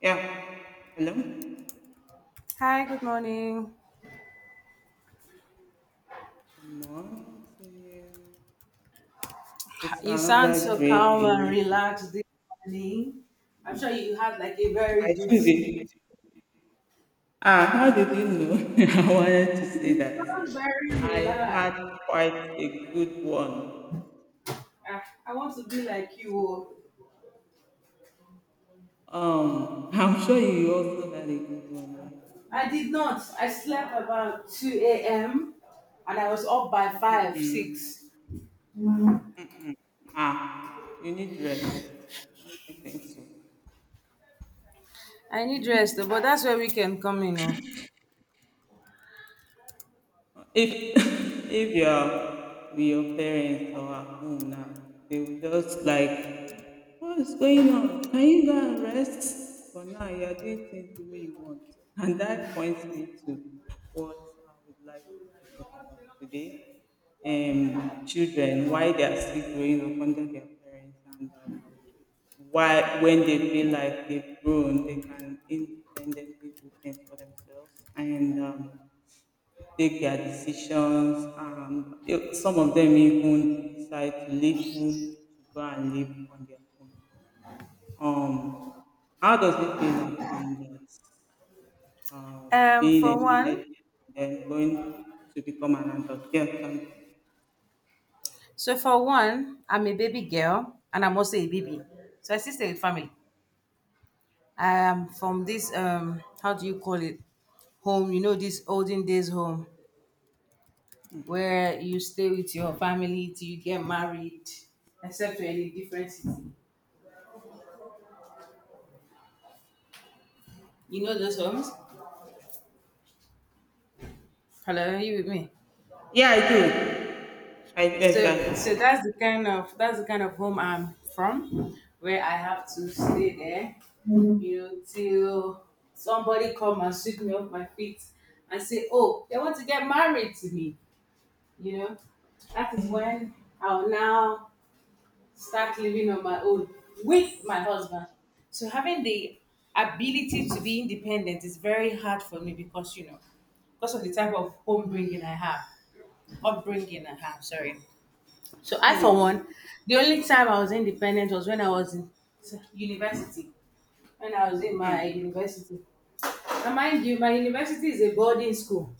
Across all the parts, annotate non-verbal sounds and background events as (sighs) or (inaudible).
Yeah. Hello. Good Hi, good morning. morning to you. It's You sound another so great calm and day. relaxed this morning. I'm sure you had like a very I good should sleep. be. Ah, how did you know? (laughs) I wanted to say You sound that very I had relaxed. quite a good one. Ah, I want to be like you. So, Oh, I'm sure you also had a good one, right? I did not. I slept about 2 a.m. and I was up by 5, Mm. 6. Ah, you need rest. I don't think so. I need rest, but that's where we can come in. Oh. If (laughs) if you're with your parents or at home now, they will just like what is going on? Can you go and rest? For now, you are doing things the way you want. And that points me to what I would like us to talk about today. Children, why they are still growing up under their parents, and why when they feel like they've grown, they can independently do things for themselves, and take their decisions. Some of them even decide to leave home to go and live on their own. Um, how does it feel like doing that? Um, Being for excited one, and then going to become an adult. Yeah, thank so for one, I'm a baby girl and I'm also a baby. So I still stay with family. I am from this how do you call it, home, you know, this olden days home you. Mm. where you stay with your family till you get married, except you're in a different city. You know those homes? Hello, are you with me? Yeah, I do. I do So exactly. that's the kind of, that's the kind of home I'm from, where I have to stay there, you know, till somebody come and sweep me off my feet and say, oh, they want to get married to me, you know, that is when I'll now start living on my own with my husband. So having the ability to be independent is very hard for me, because, you know, because of the type of home bringing I have, upbringing I have. Sorry. So I, for one, the only time I was independent was when I was in university. When I was in my Mm. university, and mind you, my university is a boarding school,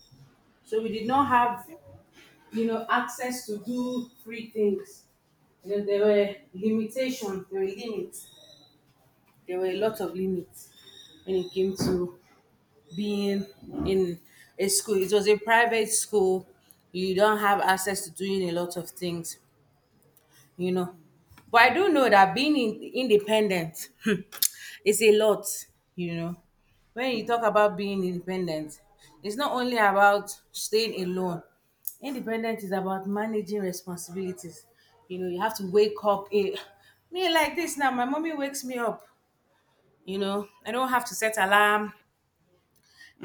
so we did not have, you know, access to do free things. You know, there were limitations, there were limits. There were a lot Mm. of limits when it came to being in a school. It was a private school. You don't have access to doing a lot of things, you know. But I do know that independent (laughs) is a lot, you know. When you talk Mm. about being independent, it's not only about staying alone. Independence is about managing responsibilities. You know, you have to wake up. A, me like this now. My mommy wakes me up, you know, I don't have to set alarm.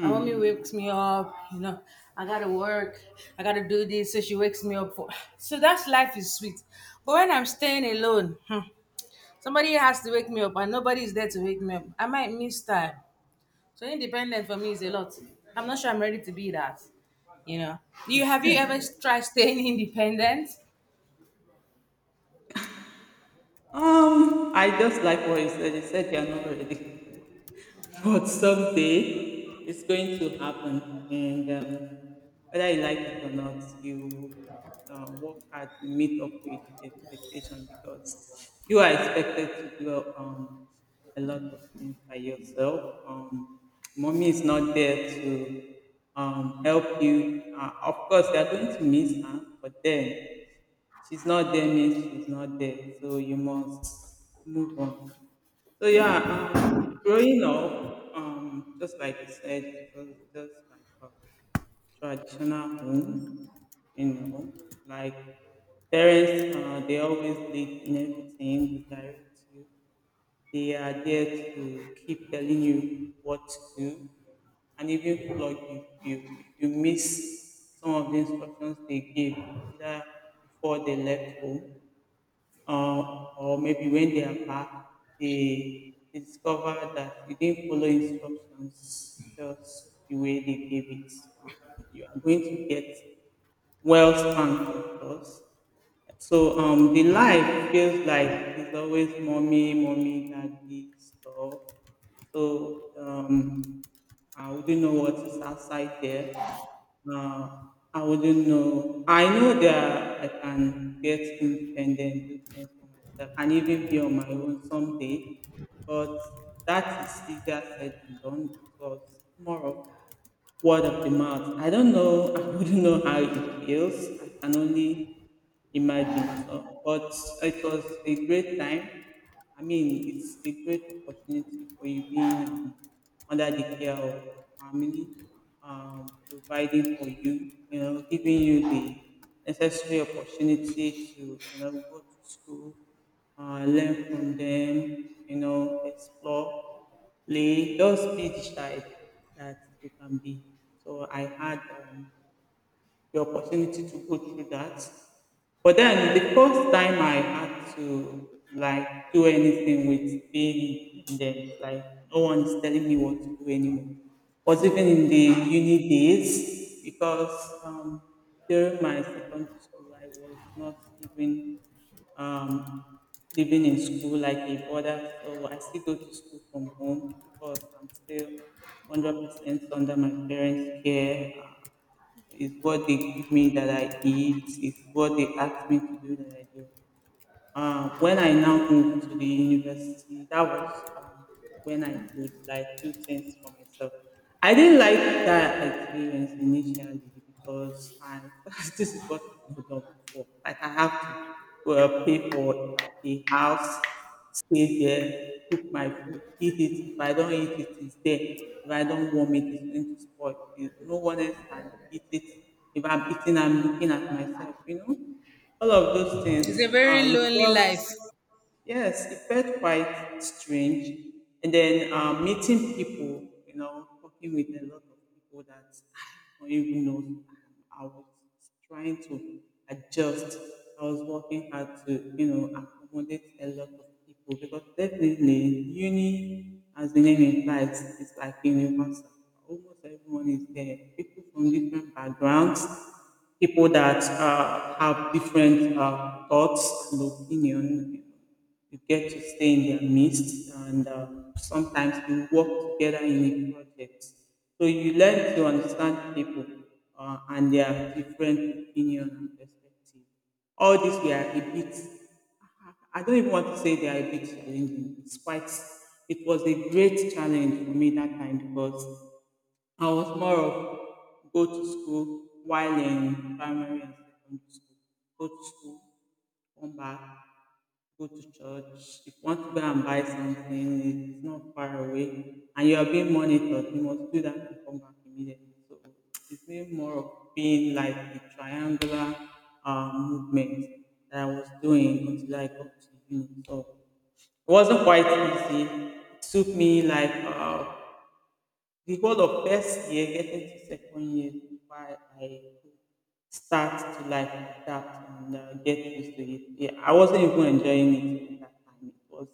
My mommy wakes me up, you know, I gotta work, I gotta do this, so she wakes me up for, so that's, life is sweet. But when I'm staying alone, hmm, somebody has to wake me up and nobody is there to wake me up, I might miss time. So independent for me is a lot. I'm not sure I'm ready to be that, you know. You ever tried staying (laughs) independent? I just like what you said. You said you are not ready, (laughs) but someday it's going to happen, and whether you like it or not, you work hard to meet up with the expectation because you are expected to do a lot of things by yourself. Mommy is not there to help you. Of course, you are going to miss her, but then she's not there means she's not there. So you must move on. So yeah, growing up, just like you said, it was just like a traditional home, you know, like parents, they always lead in everything, they direct you. They are there to keep telling you what to do, and even like if you miss some of the instructions they give, either before they left home, or maybe when they are back, they discover that you didn't follow instructions just the way they gave it. Um, you are going to get wealth and purpose. So the life feels like it's always mommy, mommy, daddy stuff. So I wouldn't know what is outside there. Uh, I wouldn't know. I know that I can get independent, do things for myself, and even be on my own someday. But that is easier said than done because more of word of the mouth. I don't know. (laughs) I wouldn't know how it feels. I can only imagine. So, but it was a great time. I mean, it's a great opportunity for you being under the care of your family, providing for you, you know, giving you the necessary opportunity to, you know, go to school, learn from them, you know, explore, just be the child that you can be. So I had the opportunity to go through that. But then the first time I had to like do anything with being independent, like no one is telling me what to do anymore, was even in the uni days because um, during my secondary school I was not even um, living in school like a brother, so I still go to school from home because I'm still 100% under my parents' care. It's what they give me that I eat. It's what they ask me to do that I do. When I now moved to the university, that was when I could like do things for myself. I didn't like that experience initially because I (laughs) this is what I've done before. Like I have to pay for a house, stay there, cook my food, eat it. If I don't eat it, it's there. If I don't warm it, it's going to spoil. You- No one else can eat it. If I'm eating, I'm looking at myself, you know. All of those It's a things, very it lonely felt. life. Yes, it felt quite strange. And then meeting people, you know, talking with a lot of people that I don't even know. I was trying to adjust. I was working hard to, you know, accommodate a lot of people because definitely uni, as the name implies, is like universal. Almost everyone is there. People from different backgrounds, people that have different thoughts and opinion, you get to stay in their midst, and sometimes you work together in a project. So you learn to understand people, and their different opinion and perspective. All these were a bit, I don't even want to say they are a bit challenging. It's quite, it was a great challenge for me that time because I was more of go to school while in primary and secondary school. Go to school, come back, go to church. If you want to go and buy something, it's not far away, and you are being monitored, you must do that and come back immediately. So it's been more of being like a triangular movement that I was doing until I got to uni. So it wasn't quite easy. It took me like the whole of first year getting to second year is why I start to like adapt and get used to it. Yeah, I wasn't even enjoying it at that time. It was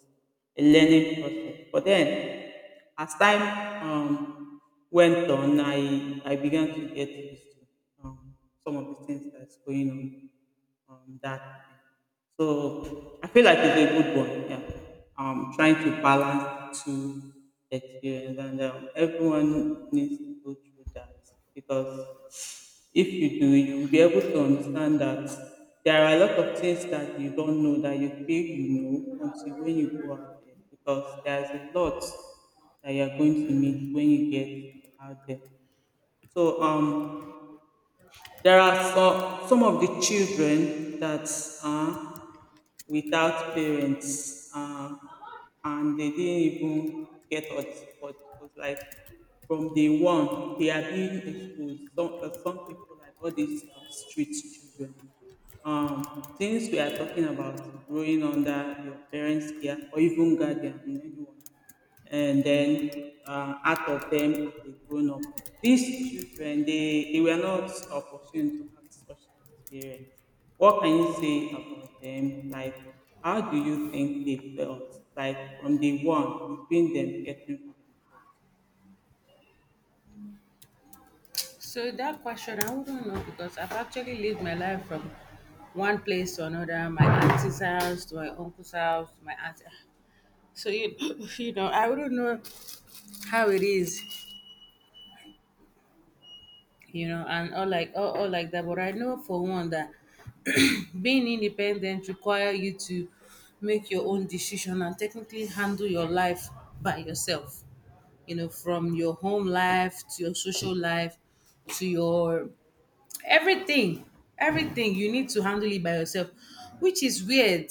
a learning process. But then, as time went on, I began to get used to um, some of the things that's going on. That so I feel like it's a good one. Yeah, trying to balance two experience, and everyone needs to go through that because if you do, you will be able to understand that there are a lot of things that you don't know that you feel you know until when you go out there because there's a lot that you are going to meet when you get out there. So there are some of the children that are without parents, and they didn't even get us, but it was like from day one they are being exposed. Some people like all these street children. Since we are talking about growing under your parents' care or even guardian, you know, anyone, and then out of them as a grown up, these children they were not opportune to have such experience. What can you say about them? Like, how do you think they felt? Like from the one between them getting So that question, I wouldn't know, because I've actually lived my life from one place to another, my auntie's house to my uncle's house, my aunt. So you, (laughs) you know, I wouldn't know how it is, you know, and all like all like that. But I know for one that (clears throat) being independent require you to make your own decision and technically handle your life by yourself, you know, from your home life to your social life to your everything. Everything you need to handle it by yourself, which is weird,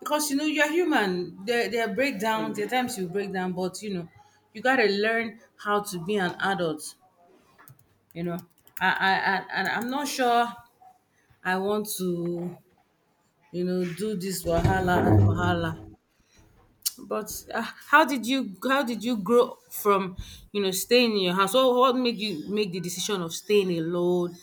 because, you know, you're human, there are for breakdowns, there are themselves. times you break down, but you know, you got to learn how to be an adult, you know. I i, I and I'm not sure I want to, you know, do this wahala wahala. But how did you grow from, you know, staying in your house? Or what made you make the decision of staying alone,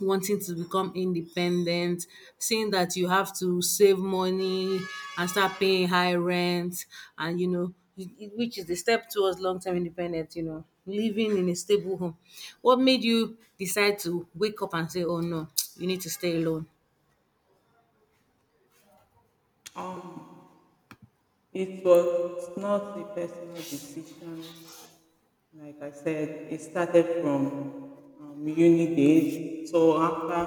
wanting to become independent, seeing that you have to save money and start paying high rent, and you know, which is the step towards long term independence, you know, living in a stable home. What made you decide to wake up and say, oh no, (tsk) you need to stay alone? Um, it was not a personal decision. Like I said, it started from uni days. So after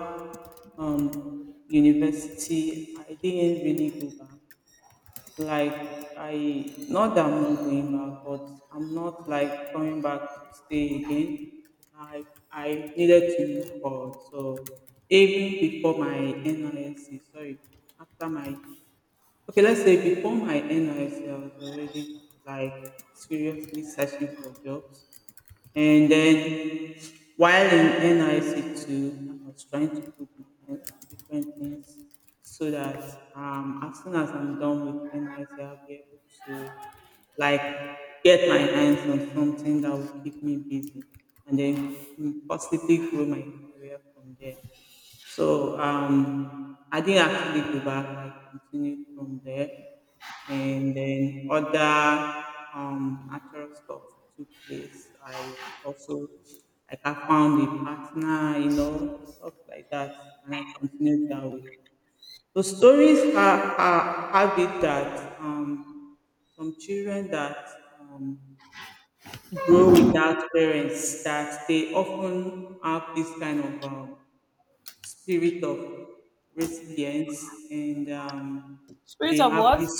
university, I didn't really go back. Like I, not that I'm not going back, but I'm not like coming back to stay again. I I needed to move forward. So even before my NISC, sorry, after my okay, let's say before my NISC, ISC, I was already like seriously searching for jobs, and then while in NIC two, I was trying to put my hands on different things so that as soon as I'm done with NIC, I'll be able to like get my hands on something that will keep me busy, and then possibly grow my career from there. So I didn't actually go back. I continued from there, and then other natural stuff took place. I also like I found a partner, you know, stuff like that, and I continued that way. So stories are have it that some children that um, grow without parents, that they often have this kind of spirit of resilience, and Spirit they of have what? this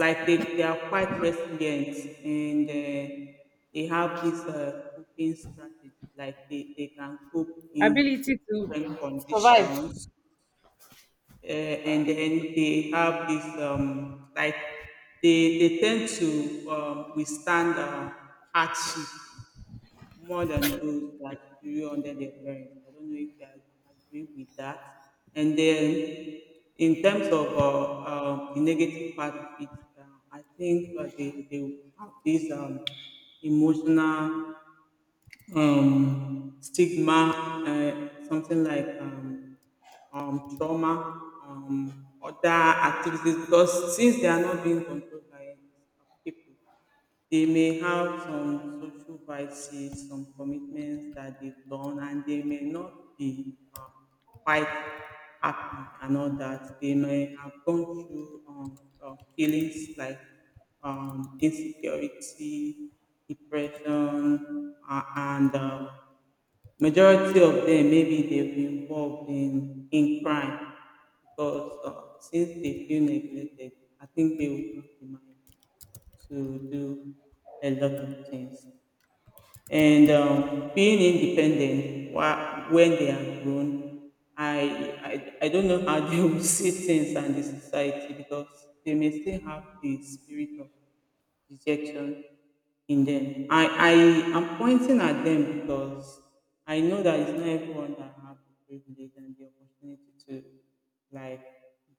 like they are quite resilient, and they have this coping strategy, like they can cope in Ability to different survive. conditions, and then they have this like they tend to withstand hardship more than those that grew under their parents. I don't know if I agree with that. And then, in terms of the negative part of it, uh, I think they have this emotional stigma, something like trauma, other activities, because since they are not being controlled by people, they may have some social vices, some commitments that they've done, and they may not be quite happy and all that. They may have gone through feelings like insecurity, depression, and majority of them maybe they've been involved in crime because since they feel neglected, I think they will not be mindful to do a lot of things. And being independent while, when they are grown, I, I don't know how (laughs) they will see things and the society because they may still have the spirit of rejection in them. I am pointing at them because I know that it's not everyone that have the privilege and the opportunity to like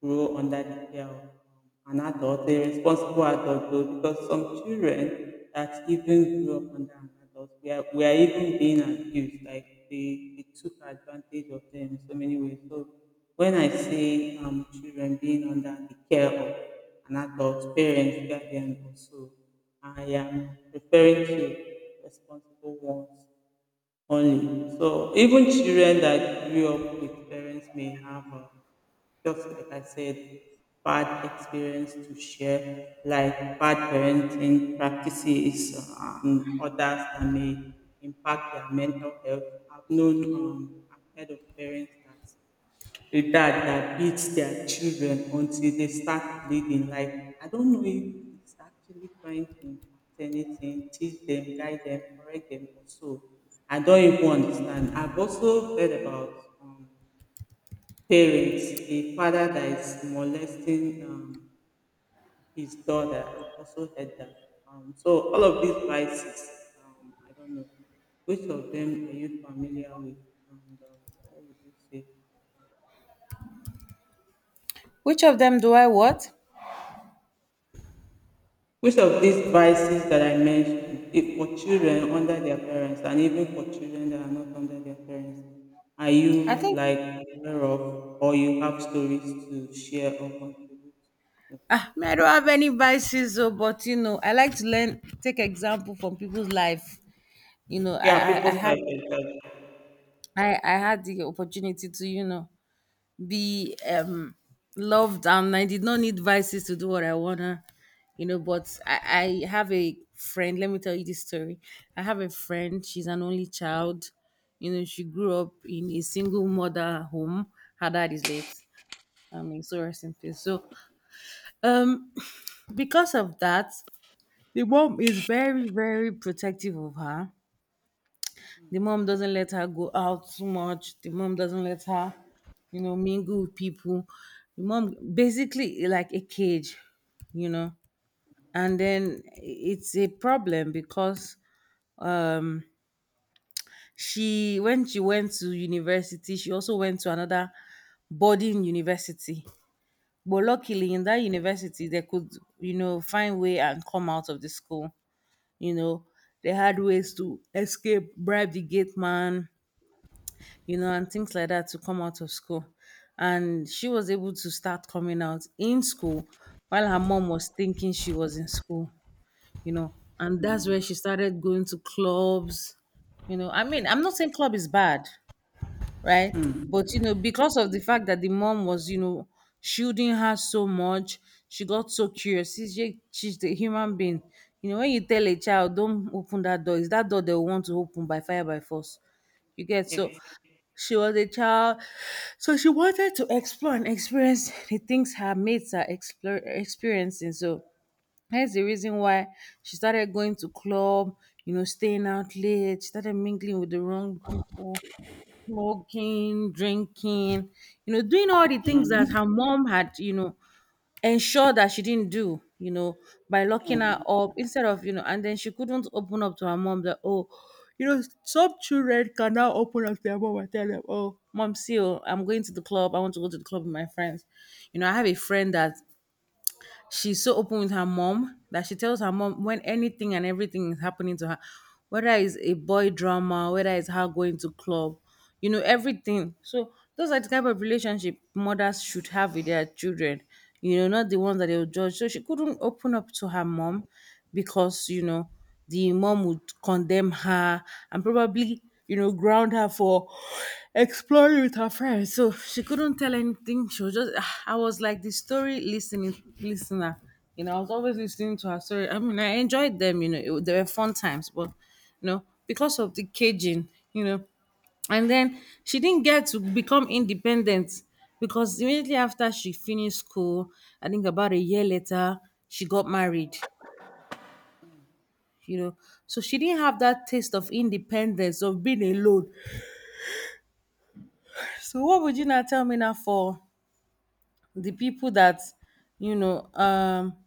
grow under the care of an adult, a responsible adult though, because some children that even grew up under an adult, we are even being abused, like they took advantage of them in so many ways. So when I see children being under the care of an adult, parents, guardian, also, I am referring to responsible ones only. So even children that grew up with parents may have, just like I said, bad experience to share, like bad parenting practices and others that may impact their mental health. I've known, I've heard of parents that a dad that beats their children until they start bleeding. Like, I don't know if it's actually trying to impact anything, teach them, guide them, correct them, or so. I don't even understand. I've also heard about um, parents, a father that is molesting his daughter. I've also heard that. So, all of these vices, I don't know. Which of them are you familiar with? And what would you say? Which of them do I what? Which of these vices that I mentioned, if for children under their parents and even for children that are not under their parents, are I you think, aware of or you have stories to share or contribute to? ah, me, I don't have any biases, oh, but you know, I like to learn, take example from people's life. You know, Yeah, I people's had, life is that. I had the opportunity to, you know, be loved, and I did not need vices to do what I wanna, you know. But I have a friend. Let me tell you this story. I have a friend. She's an only child. You know, she grew up in a single mother home. Her dad is late. I mean, so rest in peace. So, um, (sighs) (sniffs) because of that, the mom is very protective of her. The mom doesn't let her go out too much. The mom doesn't let her, you know, mingle with people. The mom basically like a cage, you know. And then it's a problem because um she when she went to university, she also went to another boarding university. But luckily in that university they could, you know, find way and come out of the school. You know, they had ways to escape, bribe the gate man, you know, and things like that to come out of school. And she was able to start coming out in school while her mom was thinking she was in school, you know. And that's where she started going to clubs, you know. I mean, I'm not saying club is bad, right? But, you know, because of the fact that the mom was, you know, shielding her so much, she got so curious. She's the human being. You know, when you tell a child, don't open that door, is that door they want to open by fire, by force. You get so, Yes. she was a child, so she wanted to explore and experience the things her mates are experiencing. So that's the reason why she started going to club, you know, staying out late. She started mingling with the wrong people, smoking, drinking, you know, doing all the things that Mhm. her mom had, you know, ensure that she didn't do, you know, by locking her up instead of, you know. And then she couldn't open up to her mom that, oh, you know, some children can now open up to their mom and tell them, oh, mom, see, oh, I'm going to the club. I want to go to the club with my friends. You know, I have a friend that she's so open with her mom that she tells her mom when anything and everything is happening to her, whether it's a boy drama, whether it's her going to club, you know, everything. So those are the type of relationship mothers should have with their children, you know, not the ones that they'll judge. So she couldn't open up to her mom because, you know, the mom would condemn her and probably, you know, ground her for exploring with her friends. So she couldn't tell anything, she was just, I was like the story listening listener, you know, I was always listening to her story. I mean, I enjoyed them, you know. They were fun times, but you know, because of the caging, you know, and then she didn't get to become independent, because immediately after she finished school, I think about a year later, she got married, you know. So she didn't have that taste of independence, of being alone. So what would you now tell me now for the people that, you know,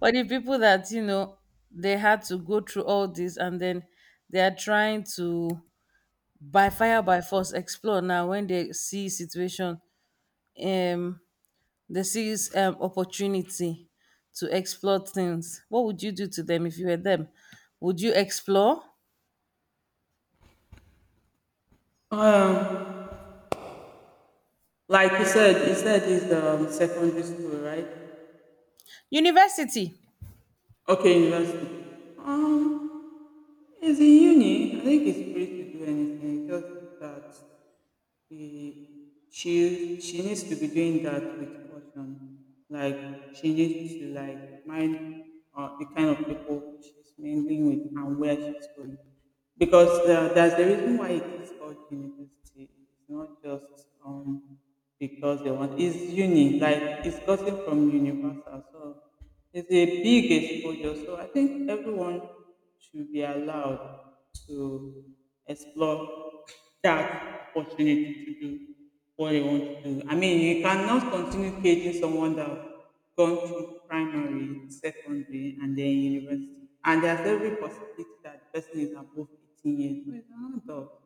or the people that, you know, they had to go through all this and then they are trying to by fire by force explore now when they see situation, um, they see opportunity to explore things. What would you do to them if you were them? Would you explore? Um, like you said it's secondary school, right? University. Okay, university. Um, It's in uni. I think it's free to do anything. Just that he, she needs to be doing that with caution. Like she needs to like mind the kind of people she's mingling with and where she's going. Because that's the reason why it is called university. It's not just because they want. It's uni. Like it's gotten from universal. So it's a big exposure. So I think everyone should be allowed to explore that opportunity to do what they want to do. I mean, you cannot continue caging someone that gone through primary, secondary, and then university. And there's every possibility that the person is above 18 years. But it's an adult.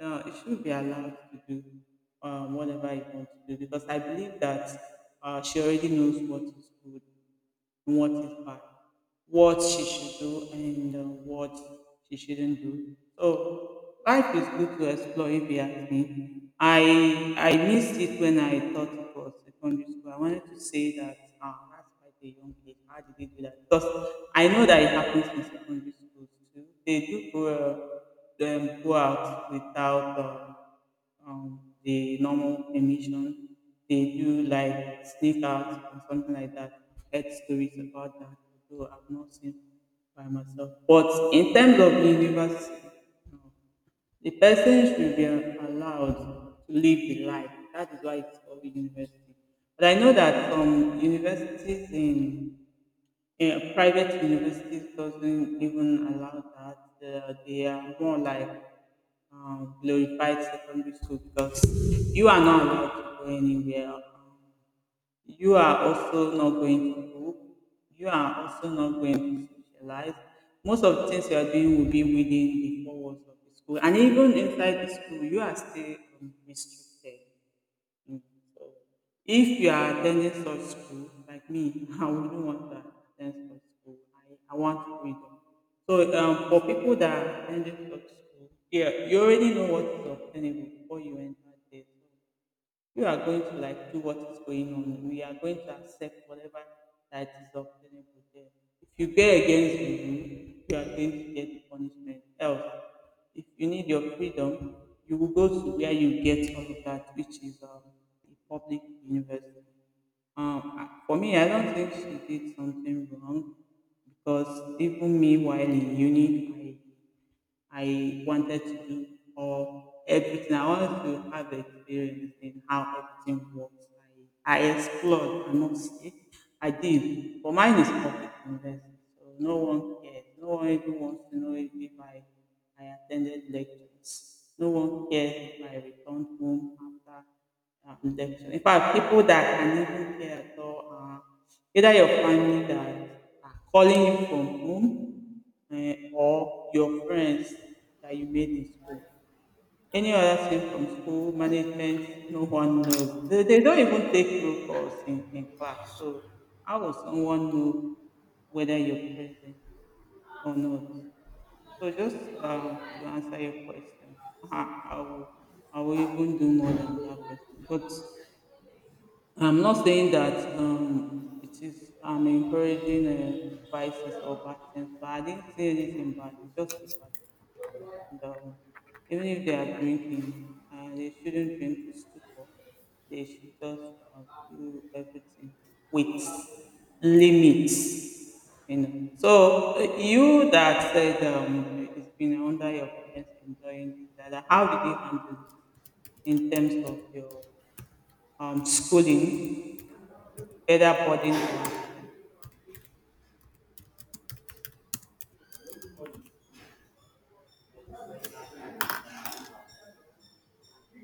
It should be allowed to do whatever it wants to do because I believe that she already knows what is good what is bad, what she should do, and what she shouldn't do. So life is good to explore if you ask me. I missed it when I thought it was secondary school. I wanted to say that that's quite a young age. How did they do that? Because I know that it happens in secondary schools. They do go out without the normal permission. They do like sneak out or something like that. Heard stories about that, though I've not seen by myself. But in terms of university, no. The person should be allowed to live the life. That is why it's called university. But I know that some universities in yeah, private universities doesn't even allow that. They are more like glorified secondary school because you are not allowed to go anywhere. You are also not going to go. You are also not going to socialize. Most of the things you are doing will be within the four walls of the school, and even inside the school, you are still restricted. Mm. So if you are attending such school like me, (laughs) I wouldn't want to attend such school. I want freedom. So for people that are attending such school, yeah, you already know what is obtainable before you enter there. So, you are going to like do what is going on. We are going to accept whatever that is obtainable there. If you go against the rule, you are going to get the punishment. Else, if you need your freedom, you will go to where you get all of that, which is a public university. I- for me, I don't think she did something wrong because even me while in uni, I wanted to do or everything. I wanted to have experience in how everything works. I explored, I must say. I did. But mine is public university, so no one cares. No one even wants to know if I attended lectures. No one cares if I returned home after rejection. In fact, people that can even care at all are either your family that are calling you from home eh, or your friends that you made in school. Any other thing from school management, no one knows. They don't even take roll calls in class. So how will someone know whether you're present or not? So just to answer your question, (laughs) I I will, I will even do more than that person. But I'm not saying that it is I'm encouraging vices or bad things, but I didn't see anything bad. It's just a bad. And, even if they are drinking, they shouldn't drink to stupor. They should just do everything with limits. You know. So you that said it's been under your parents enjoying this, that how did you handle it in terms of your schooling, whether boarding or.